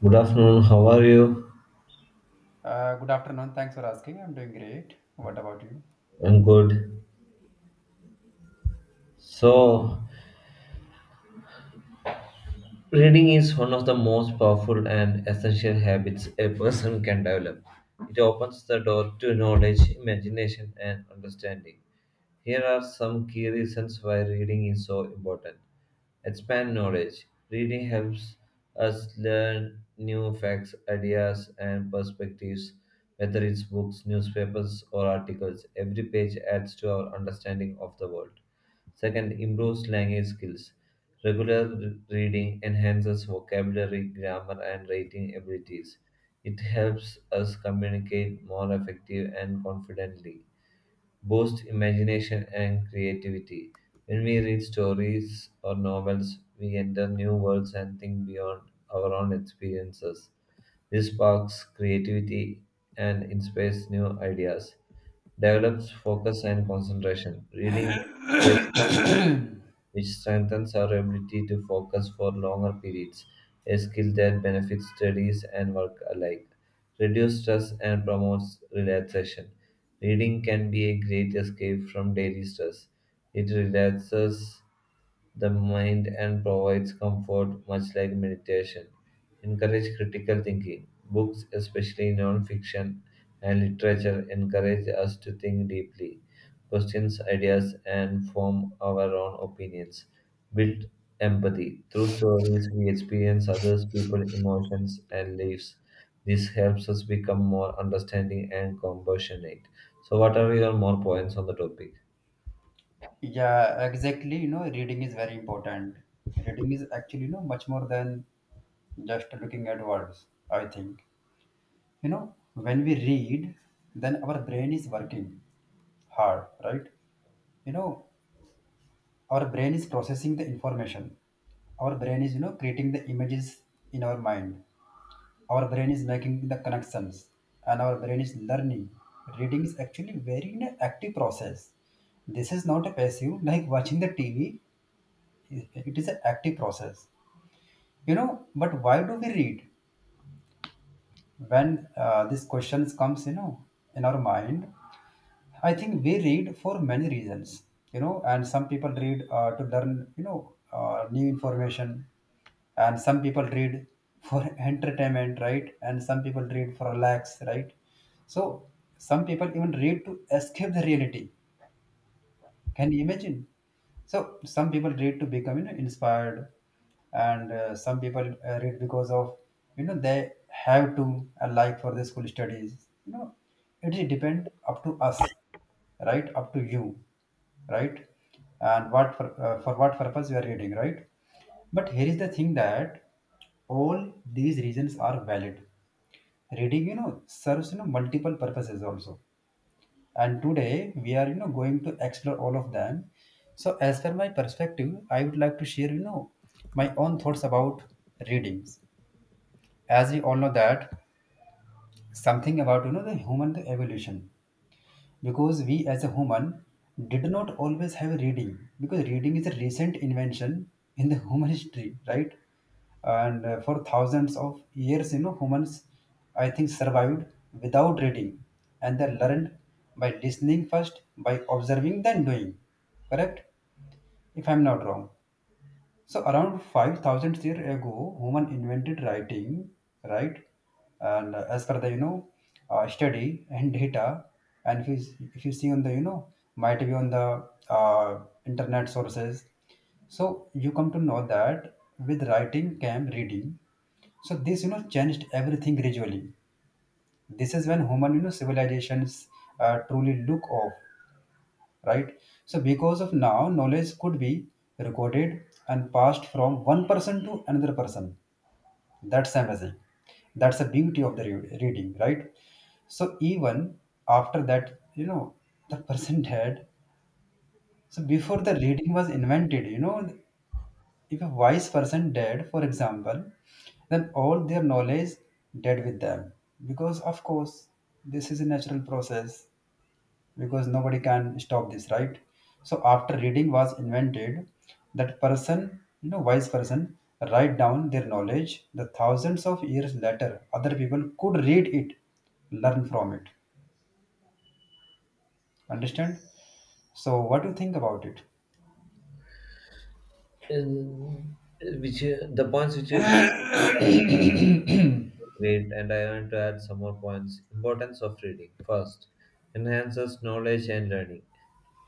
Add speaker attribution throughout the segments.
Speaker 1: Good afternoon, how are you?
Speaker 2: Good afternoon. Thanks for asking. I'm doing great. What about you?
Speaker 1: I'm good. So, reading is one of the most powerful and essential habits a person can develop. It opens the door to knowledge, imagination, and understanding. Here are some key reasons why reading is so important. Expand knowledge. Reading helps us learn new facts, ideas, and perspectives, whether it's books, newspapers, or articles. Every page adds to our understanding of the world. Second, improves language skills. Regular reading enhances vocabulary, grammar, and writing abilities. It helps us communicate more effective and confidently boosts imagination and creativity. When we read stories or novels, we enter new worlds and think beyond our own experiences. This sparks creativity and inspires new ideas, develops focus and concentration. Reading which strengthens our ability to focus for longer periods, a skill that benefits studies and work alike. Reduces stress and promotes relaxation. Reading can be a great escape from daily stress. It relaxes the mind and provides comfort, much like meditation. Encourage critical thinking. Books, especially non fiction and literature, encourage us to think deeply questions ideas, and form our own opinions. Build empathy. Through stories, we experience others' people's emotions and lives. This helps us become more understanding and compassionate. So, what are your more points on the topic?
Speaker 2: Yeah, exactly. Reading is very important. Reading is actually, much more than just looking at words, I think. When we read, then our brain is working hard, right? You know, our brain is processing the information. Our brain is, creating the images in our mind. Our brain is making the connections, and our brain is learning. Reading is actually very an active process. This is not a passive like watching the TV. It is an active process, but why do we read when this questions comes in our mind? I think we read for many reasons, and some people read to learn, new information, and some people read for entertainment, right? And some people read for relax, right? So some people even read to escape the reality. Can you imagine? So some people read to become inspired, and some people read because of they have to like for the school studies. It is depend up to us, right? Up to you, right? And what for what purpose you are reading, right? But here is the thing that all these reasons are valid. Reading, serves multiple purposes also, and today we are going to explore all of them. So as per my perspective, I would like to share my own thoughts about readings. As we all know that something about the human evolution, because we as a human did not always have reading, because reading is a recent invention in the human history, right? And for thousands of years, humans, I think, survived without reading. And they learned by listening first, by observing, then doing. Correct if I'm not wrong. So around 5,000 years ago, human invented writing, right? And as per the, study and data, and if you, if you see on the, might be on the internet sources. So you come to know that with writing came reading. So this, changed everything gradually. This is when human, civilizations truly look off, right? So because of now, knowledge could be recorded and passed from one person to another person. That's amazing. That's the beauty of the reading, right? So even after that, the person dead. So before the reading was invented, if a wise person dead, for example, then all their knowledge dead with them, because of course this is a natural process, because nobody can stop this, right? So after reading was invented, that person, wise person, write down their knowledge. The thousands of years later, other people could read it, learn from it, understand. So what do you think about it?
Speaker 1: In- which the points which is great, and I want to add some more points. Importance of reading first enhances knowledge and learning.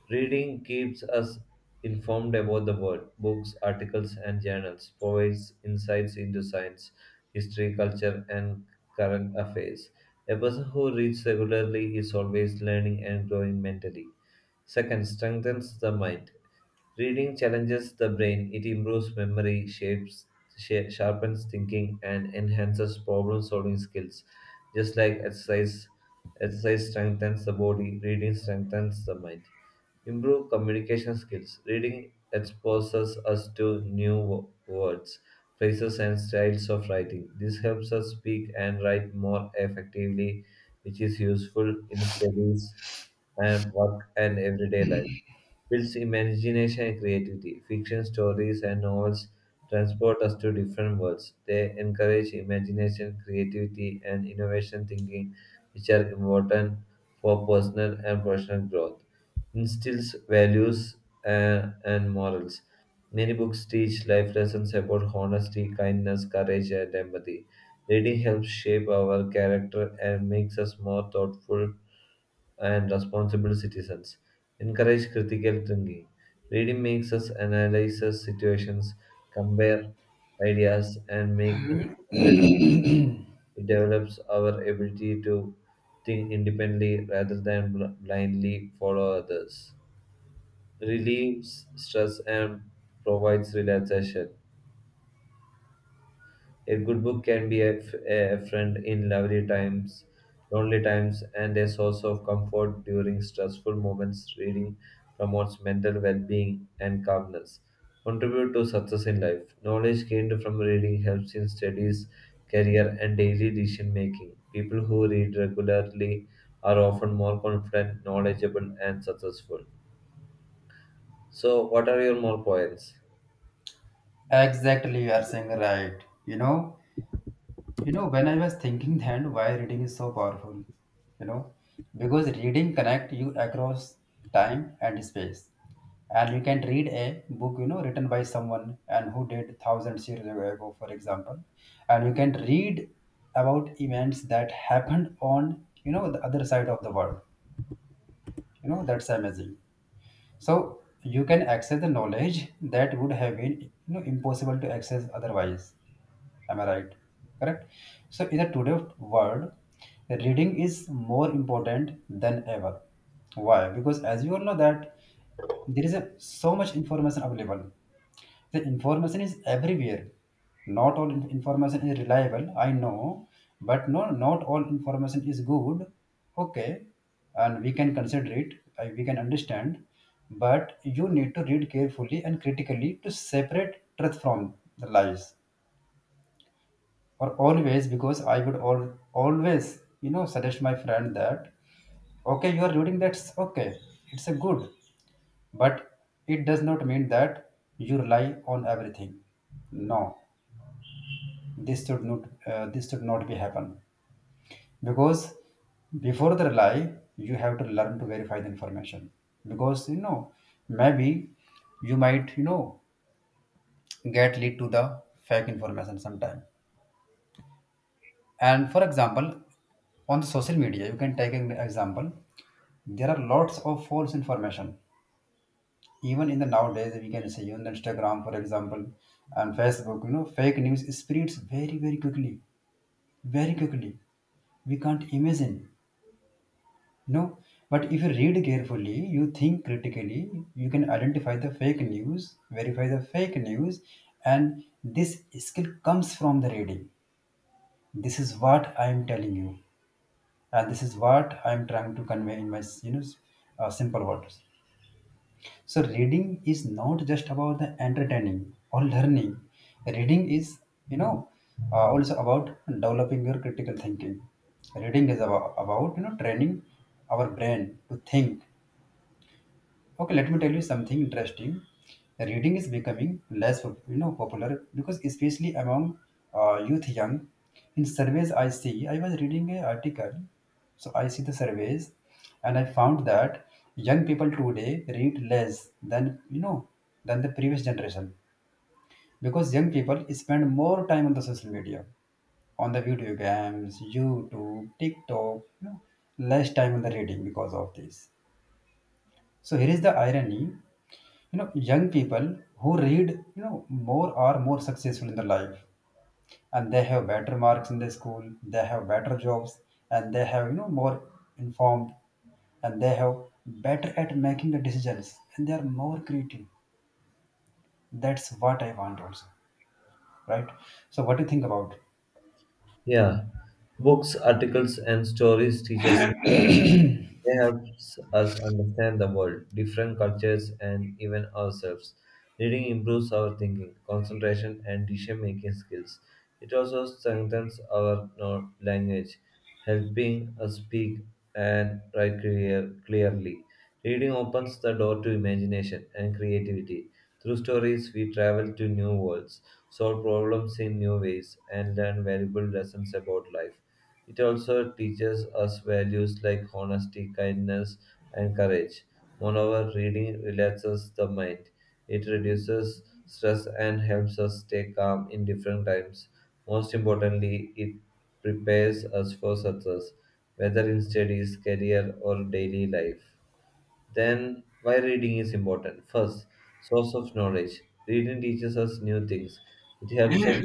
Speaker 1: Reading keeps us informed about the world. Books, articles, and journals provides insights into science, history, culture, and current affairs. A person who reads regularly is always learning and growing mentally. Second, strengthens the mind. Reading challenges the brain. It improves memory, shapes, sharpens thinking, and enhances problem-solving skills. Just like exercise strengthens the body, reading strengthens the mind. Improve communication skills. Reading exposes us to new words, phrases, and styles of writing. This helps us speak and write more effectively, which is useful in studies and work and everyday life builds imagination and creativity. Fiction stories and novels transport us to different worlds. They encourage imagination, creativity, and innovation thinking, which are important for personal and professional growth. Instills values and morals. Many books teach life lessons about honesty, kindness, courage, and empathy. Reading helps shape our character and makes us more thoughtful and responsible citizens encourage critical thinking. Reading makes us analyze the situations, compare ideas, and make informed. It develops our ability to think independently rather than blindly follow others. Relieves stress and provides relaxation. A good book can be a friend in lovely times, lonely times, and a source of comfort during stressful moments. Reading promotes mental well being and calmness. Contribute to success in life. Knowledge gained from reading helps in studies, career, and daily decision making. People who read regularly are often more confident, knowledgeable, and successful. So, what are your more points?
Speaker 2: Exactly, you are saying right. When I was thinking then why reading is so powerful, you know, because reading connect you across time and space. And you can read a book, written by someone and who did thousands years ago, for example. And you can read about events that happened on, the other side of the world. That's amazing. So you can access the knowledge that would have been, impossible to access otherwise. Am I right? Correct. So in the today world, reading is more important than ever. Why? Because as you all know that there is a, so much information available. The information is everywhere. Not all information is reliable, I know. But no, not all information is good, okay? And we can consider it, we can understand. But you need to read carefully and critically to separate truth from the lies, or always, because I would al always, suggest my friend that, okay, you are reading, that's okay. It's a good, but it does not mean that you rely on everything. No. This should not uh, this should not be happen. Because before the rely, you have to learn to verify the information. Because maybe, you might, get lead to the fake information sometime. And for example, on the social media, you can take an example. There are lots of false information. Even in the nowadays, we can say on the Instagram, for example, and Facebook, fake news spreads very, very quickly. Very quickly. We can't imagine. No. But if you read carefully, you think critically, you can identify the fake news, verify the fake news, and this skill comes from the reading. This is what I am telling you, and this is what I'm trying to convey in my, you know, simple words. So reading is not just about the entertaining or learning. Reading is, you know, also about developing your critical thinking. Reading is about, training our brain to think. Okay, let me tell you something interesting. Reading is becoming less, popular, because especially among youth, young. In surveys, I see. I was reading an article, so I see the surveys, and I found that young people today read less than, than the previous generation, because young people spend more time on the social media, on the video games, YouTube, TikTok, less time on the reading because of this. So here is the irony. Young people who read, more are more successful in their life, and they have better marks in the school, they have better jobs, and they have, more informed, and they have better at making the decisions, and they are more creative. That's what I want also. Right? So what do you think about?
Speaker 1: Yeah. Books, articles, and stories teach us they helps us understand the world, different cultures, and even ourselves. Reading improves our thinking, concentration, and decision making skills. It also strengthens our language, helping us speak and write clearly. Reading opens the door to imagination and creativity. Through stories, we travel to new worlds, solve problems in new ways, and learn valuable lessons about life. It also teaches us values like honesty, kindness, and courage. Moreover, reading relaxes the mind. It reduces stress and helps us stay calm in different times. Most importantly, it prepares us for success, whether in studies, career, or daily life. Then, why reading is important? First, source of knowledge. Reading teaches us new things. It helps us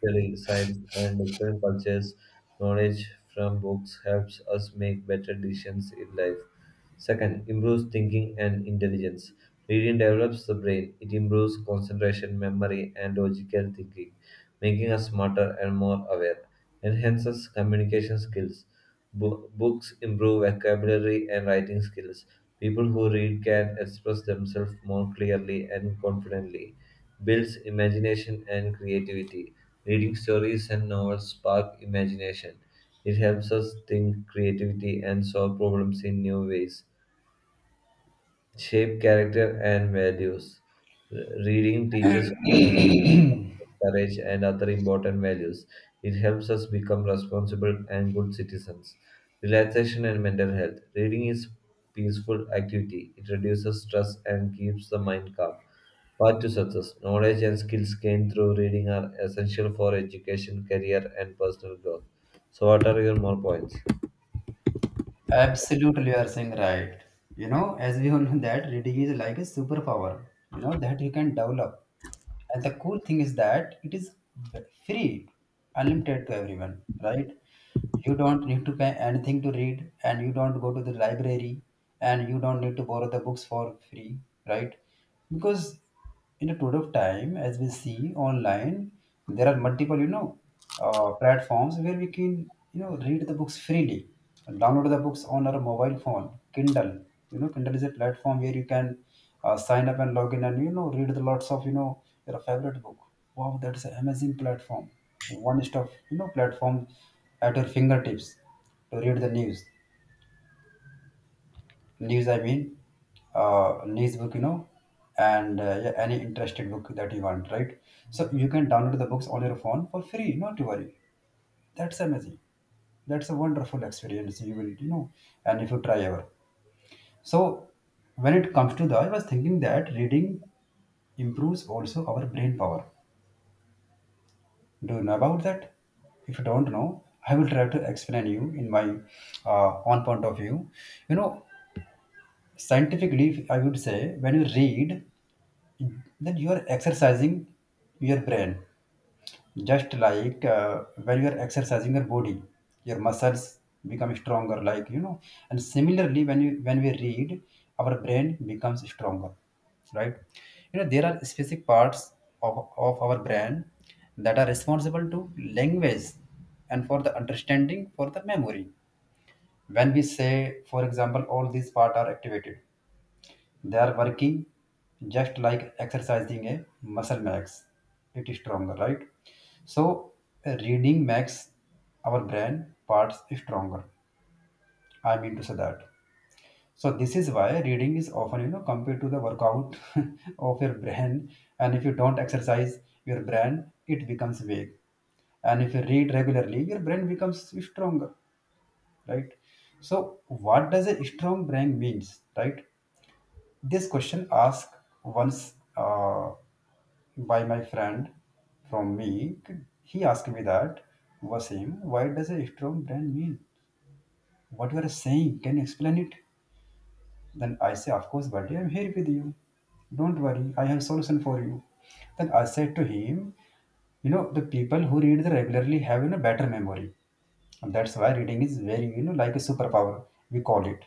Speaker 1: study science and different cultures. Knowledge from books helps us make better decisions in life. Second, improves thinking and intelligence. Reading develops the brain. It improves concentration, memory, and logical thinking, making us smarter and more aware. Enhances communication skills. Books improve vocabulary and writing skills. People who read can express themselves more clearly and confidently. Builds imagination and creativity. Reading stories and novels spark imagination. It helps us think creativity and solve problems in new ways shape character and values. Reading teaches us courage and other important values. It helps us become responsible and good citizens. Relaxation and mental health. Reading is peaceful activity. It reduces stress and keeps the mind calm. Path to success. Knowledge and skills gained through reading are essential for education, career, and personal growth. So, what are your more points?
Speaker 2: Absolutely, you are saying right. As we all know that reading is like a superpower, that you can develop. And the cool thing is that it is v- free, unlimited to everyone, right? You don't need to pay anything to read, and you don't go to the library, and you don't need to borrow the books for free, right? Because in a period of time, as we see online, there are multiple, platforms where we can read the books freely, download the books on our mobile phone, Kindle. Kindle is a platform where you can sign up and log in, and read the lots of, your favorite book. Wow, that's an amazing platform. One stop, you know, platform at your fingertips to read the news. News, I mean, news book, you know And yeah, any interested book that you want, right? So you can download the books on your phone for free, not to worry. That's amazing. That's a wonderful experience. You will, and if you try ever. So, when it comes to the, I was thinking that reading improves also our brain power. Do you know about that? If you don't know, I will try to explain you in my own point of view. You know, Scientifically, I would say, when you read, then you are exercising your brain, just like when you are exercising your body, your muscles become stronger, like. And similarly, when you when we read, our brain becomes stronger, right? There are specific parts of our brain that are responsible to language, and for the understanding, for the memory. When we say, for example, all these parts are activated, they are working, just like exercising a muscle makes it stronger, right? So, reading makes our brain parts stronger. I mean to say that. So this is why reading is often, compared to the workout of your brain. And if you don't exercise your brain, it becomes weak. And if you read regularly, your brain becomes stronger, right? So what does a strong brain means, right? This question asked once, by my friend from me. He asked me that, Wasim, why does a strong brand mean? What you are saying, can you explain it? Then I say, of course, buddy, I'm here with you. Don't worry, I have solution for you. Then I said to him, the people who read the regularly have better memory. And that's why reading is very, like a superpower, we call it.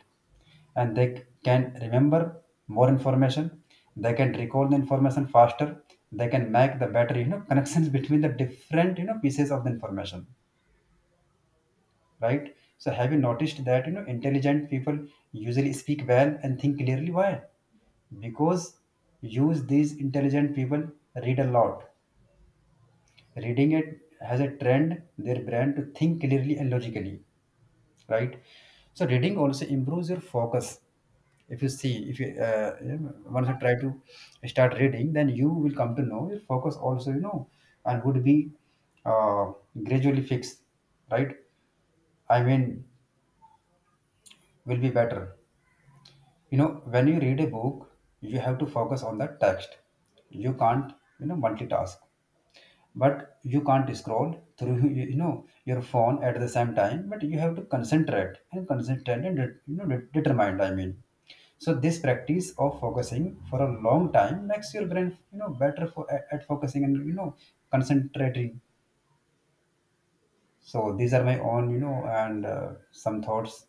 Speaker 2: And they can remember more information, they can recall the information faster, they can make the better, connections between the different, pieces of the information, right? So have you noticed that intelligent people usually speak well and think clearly? Why? Because use these intelligent people read a lot. Reading it has a trend their brain to think clearly and logically, right? So reading also improves your focus. If you see, if you you know, once you try to start reading, then you will come to know your focus also, and would be uh, gradually fixed, right? I mean, will be better you know when you read a book, you have to focus on the text. You can't multitask, but you can't scroll through your phone at the same time, but you have to concentrate and concentrate and determined, I mean. So this practice of focusing for a long time makes your brain better for at focusing and concentrating. So these are my own and some thoughts,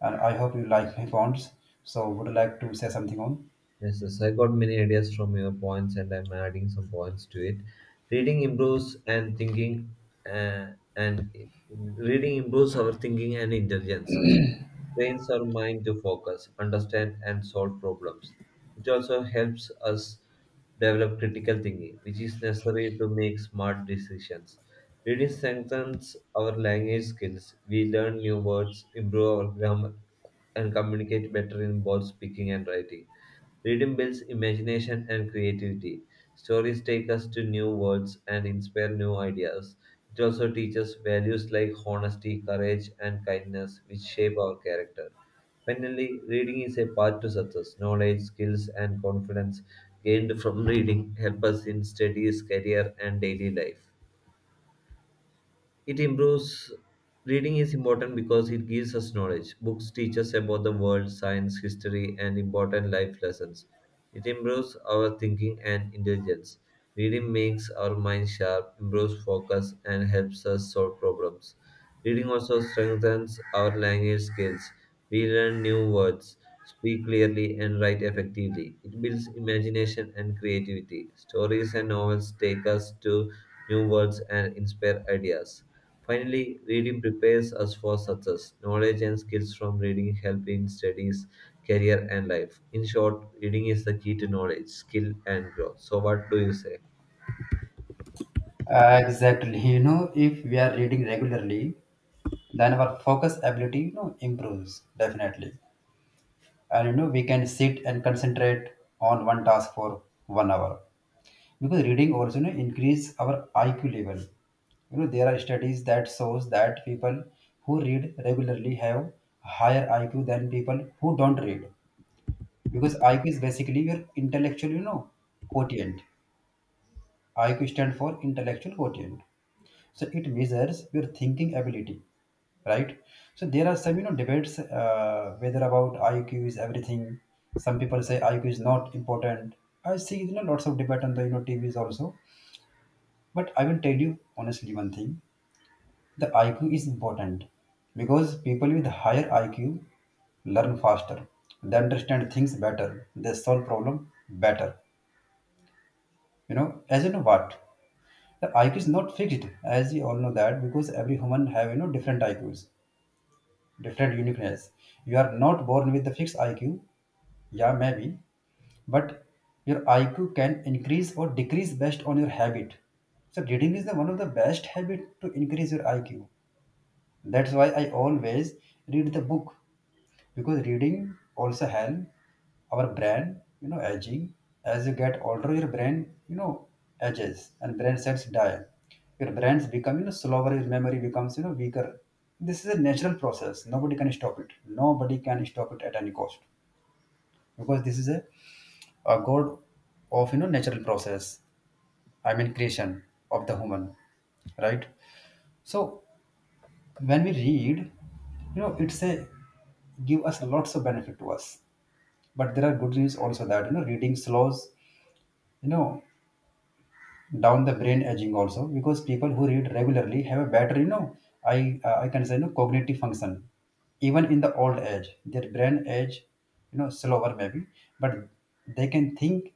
Speaker 2: and I hope you like my points. So would you like to say something on?
Speaker 1: Yes, yes, I got many ideas from your points, and I'm adding some points to it. Reading improves and thinking, uh, and i- Reading improves our thinking and intelligence. Trains our mind to focus, understand, and solve problems. It also helps us develop critical thinking, which is necessary to make smart decisions. Reading strengthens our language skills. We learn new words, improve our grammar, and communicate better in both speaking and writing. Reading builds imagination and creativity. Stories take us to new worlds and inspire new ideas. It also teaches values like honesty, courage, and kindness, which shape our character. Finally, reading is a path to success. Knowledge, skills, and confidence gained from reading help us in studies, career, and daily life. It improves Reading is important because it gives us knowledge. Books teach us about the world, science, history, and important life lessons. It improves our thinking and intelligence. Reading makes our mind sharp, improves focus, and helps us solve problems. Reading also strengthens our language skills. We learn new words, speak clearly, and write effectively. It builds imagination and creativity. Stories and novels take us to new worlds and inspire ideas. Finally, reading prepares us for success. Knowledge and skills from reading help in studies, career, and life. In short, reading is the key to knowledge, skill, and growth. So, what do you say?
Speaker 2: Exactly. If we are reading regularly, then our focus ability, improves definitely. And we can sit and concentrate on one task for 1 hour. Because reading also, increase our IQ level. There are studies that shows that people who read regularly have higher IQ than people who don't read. Because IQ is basically your intellectual, quotient. IQ stands for intellectual quotient, so it measures your thinking ability, right? So there are some debates, whether about IQ is everything. Some people say IQ is not important. I see lots of debate on the TVs also, but I will tell you honestly one thing: the IQ is important because people with higher IQ learn faster. They understand things better. They solve problem better. As you know what, the IQ is not fixed, as you all know that, because every human have different IQs, different uniqueness. You are not born with a fixed IQ. Yeah, maybe, but your IQ can increase or decrease based on your habit. So reading is the one of the best habit to increase your IQ. That's why I always read the book, because reading also help our brain, aging. As you get older, your brain, ages and brain cells die. Your brains become, slower. Your memory becomes, weaker. This is a natural process. Nobody can stop it. Nobody can stop it at any cost, because this is a god of natural process. I mean, creation of the human, right? So when we read, it's a give us lots of benefit to us, but there are good news also that reading slows you know down the brain aging also, because people who read regularly have a better, I can say, cognitive function even in the old age. Their brain age slower maybe, but they can think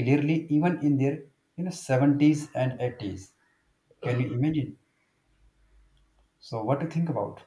Speaker 2: clearly even in their 70s and 80s. Can you imagine? So what to think about?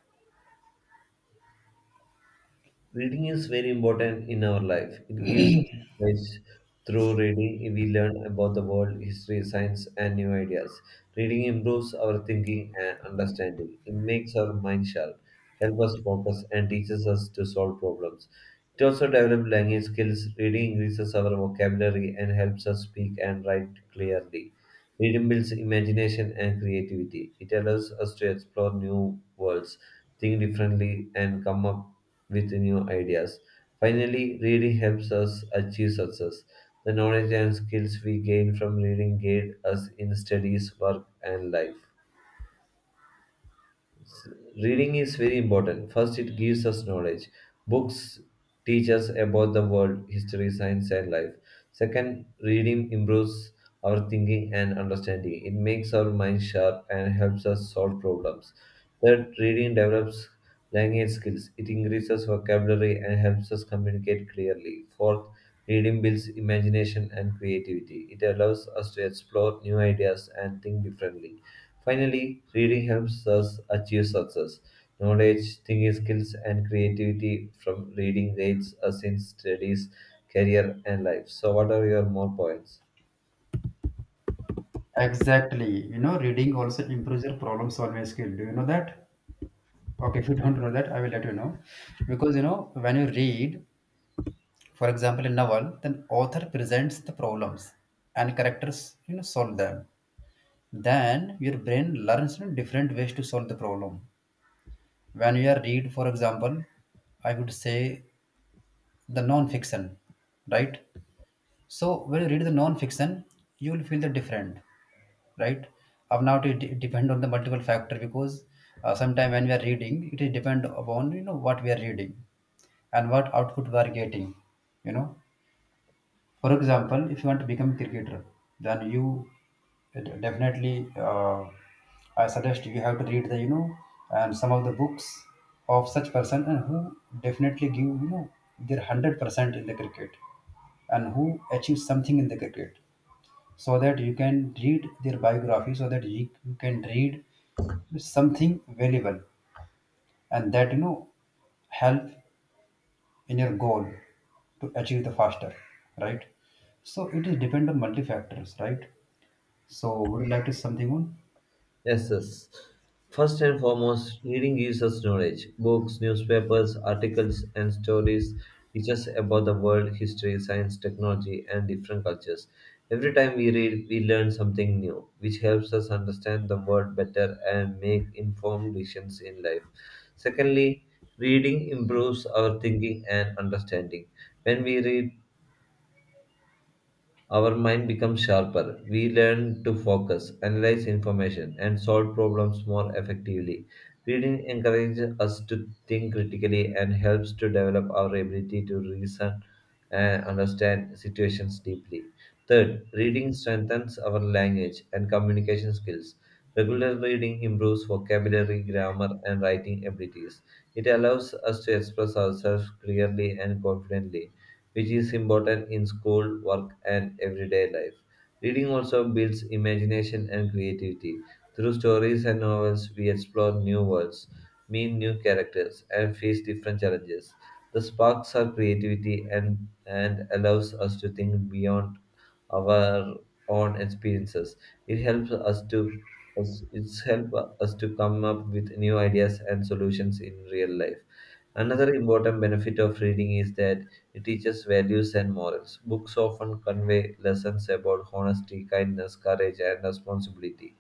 Speaker 1: Reading is very important in our life. It gives us knowledge. Through reading, we learn about the world, history, science, and new ideas. Reading improves our thinking and understanding. It makes our mind sharp, helps us focus, and teaches us to solve problems. It also develops language skills. Reading increases our vocabulary and helps us speak and write clearly. Reading builds imagination and creativity. It allows us to explore new worlds, think differently, and come up with new ideas. Finally, reading helps us achieve success. The knowledge and skills we gain from reading guide us in studies, work, and life. Reading is very important. First, it gives us knowledge. Books teach us about the world, history, science, and life. Second, reading improves our thinking and understanding. It makes our mind sharp and helps us solve problems. Third, reading develops language skills. It increases vocabulary and helps us communicate clearly. Fourth, reading builds imagination and creativity. It allows us to explore new ideas and think differently. Finally, reading helps us achieve success. Knowledge, thinking skills, and creativity from reading aids us in studies, career, and life. So, what are your more points?
Speaker 2: Exactly. Reading also improves your problem solving skill. Do you know that? Okay, if you don't know that, I will let you know. Because, when you read, for example, a novel, then author presents the problems and characters, solve them. Then your brain learns, different ways to solve the problem. When you are read, for example, I would say, the non-fiction, right? So when you read the non-fiction, you will feel the different, right? Of now it depend on the multiple factor, because sometime when we are reading, it is depend upon what we are reading and what output we are getting, you know. For example, if you want to become a cricketer, then you definitely I suggest you have to read the and some of the books of such person and who definitely give their 100% in the cricket, and who achieve something in the cricket, so that you can read their biography, so that you can read something valuable, and that help in your goal to achieve the faster, right? So it is depend on multi factors, right? So would you like to say something on?
Speaker 1: Yes, yes. First and foremost, reading gives us knowledge. Books, newspapers, articles, and stories teach us about the world, history, science, technology, and different cultures. Every time we read, we learn something new, which helps us understand the world better and make informed decisions in life. Secondly, reading improves our thinking and understanding. When we read, our mind becomes sharper. We learn to focus, analyze information, and solve problems more effectively. Reading encourages us to think critically and helps to develop our ability to reason and understand situations deeply. Third, reading strengthens our language and communication skills. Regular reading improves vocabulary, grammar, and writing abilities. It allows us to express ourselves clearly and confidently, which is important in school, work, and everyday life. Reading also builds imagination and creativity. Through stories and novels, we explore new worlds, meet new characters, and face different challenges. The sparks our creativity and allows us to think beyond our own experiences. It helps us to us- it's help us to come up with new ideas and solutions in real life. Another important benefit of reading is that it teaches values and morals. Books often convey lessons about honesty, kindness, courage, and responsibility.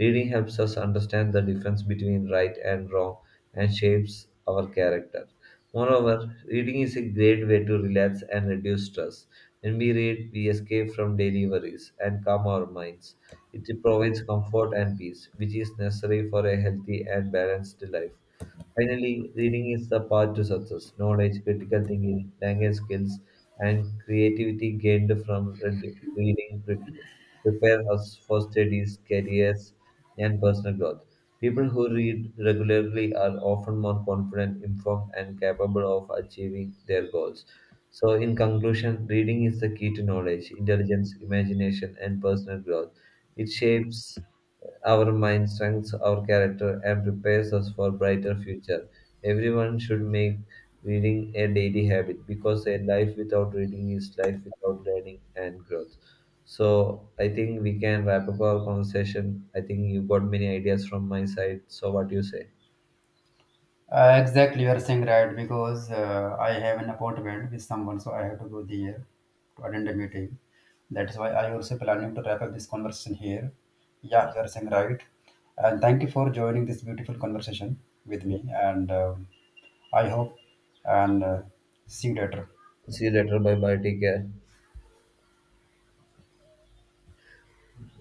Speaker 1: Reading helps us understand the difference between right and wrong and shapes our character. Moreover, reading is a great way to relax and reduce stress. When we read, we escape from daily worries and calm our minds. It provides comfort and peace, which is necessary for a healthy and balanced life. Finally, reading is the path to success. Knowledge, critical thinking, language skills, and creativity gained from reading prepare us for studies, careers, and personal growth. People who read regularly are often more confident, informed, and capable of achieving their goals. So, in conclusion, reading is the key to knowledge, intelligence, imagination, and personal growth. It shapes our mind strengthens our character and prepares us for a brighter future. Everyone should make reading a daily habit because a life without reading is life without learning and growth. So I think we can wrap up our conversation. I think you got many ideas from my side. So what do you say?
Speaker 2: Exactly, you are saying right, because I have an appointment with someone, so I have to go there to attend a meeting. That's why I also planning to wrap up this conversation here. Yeah,
Speaker 1: Yes.
Speaker 2: you are saying right, and thank you for joining this beautiful conversation with
Speaker 1: Yeah.
Speaker 2: me. And I hope, and see you later.
Speaker 1: See you later. Bye bye. Take care.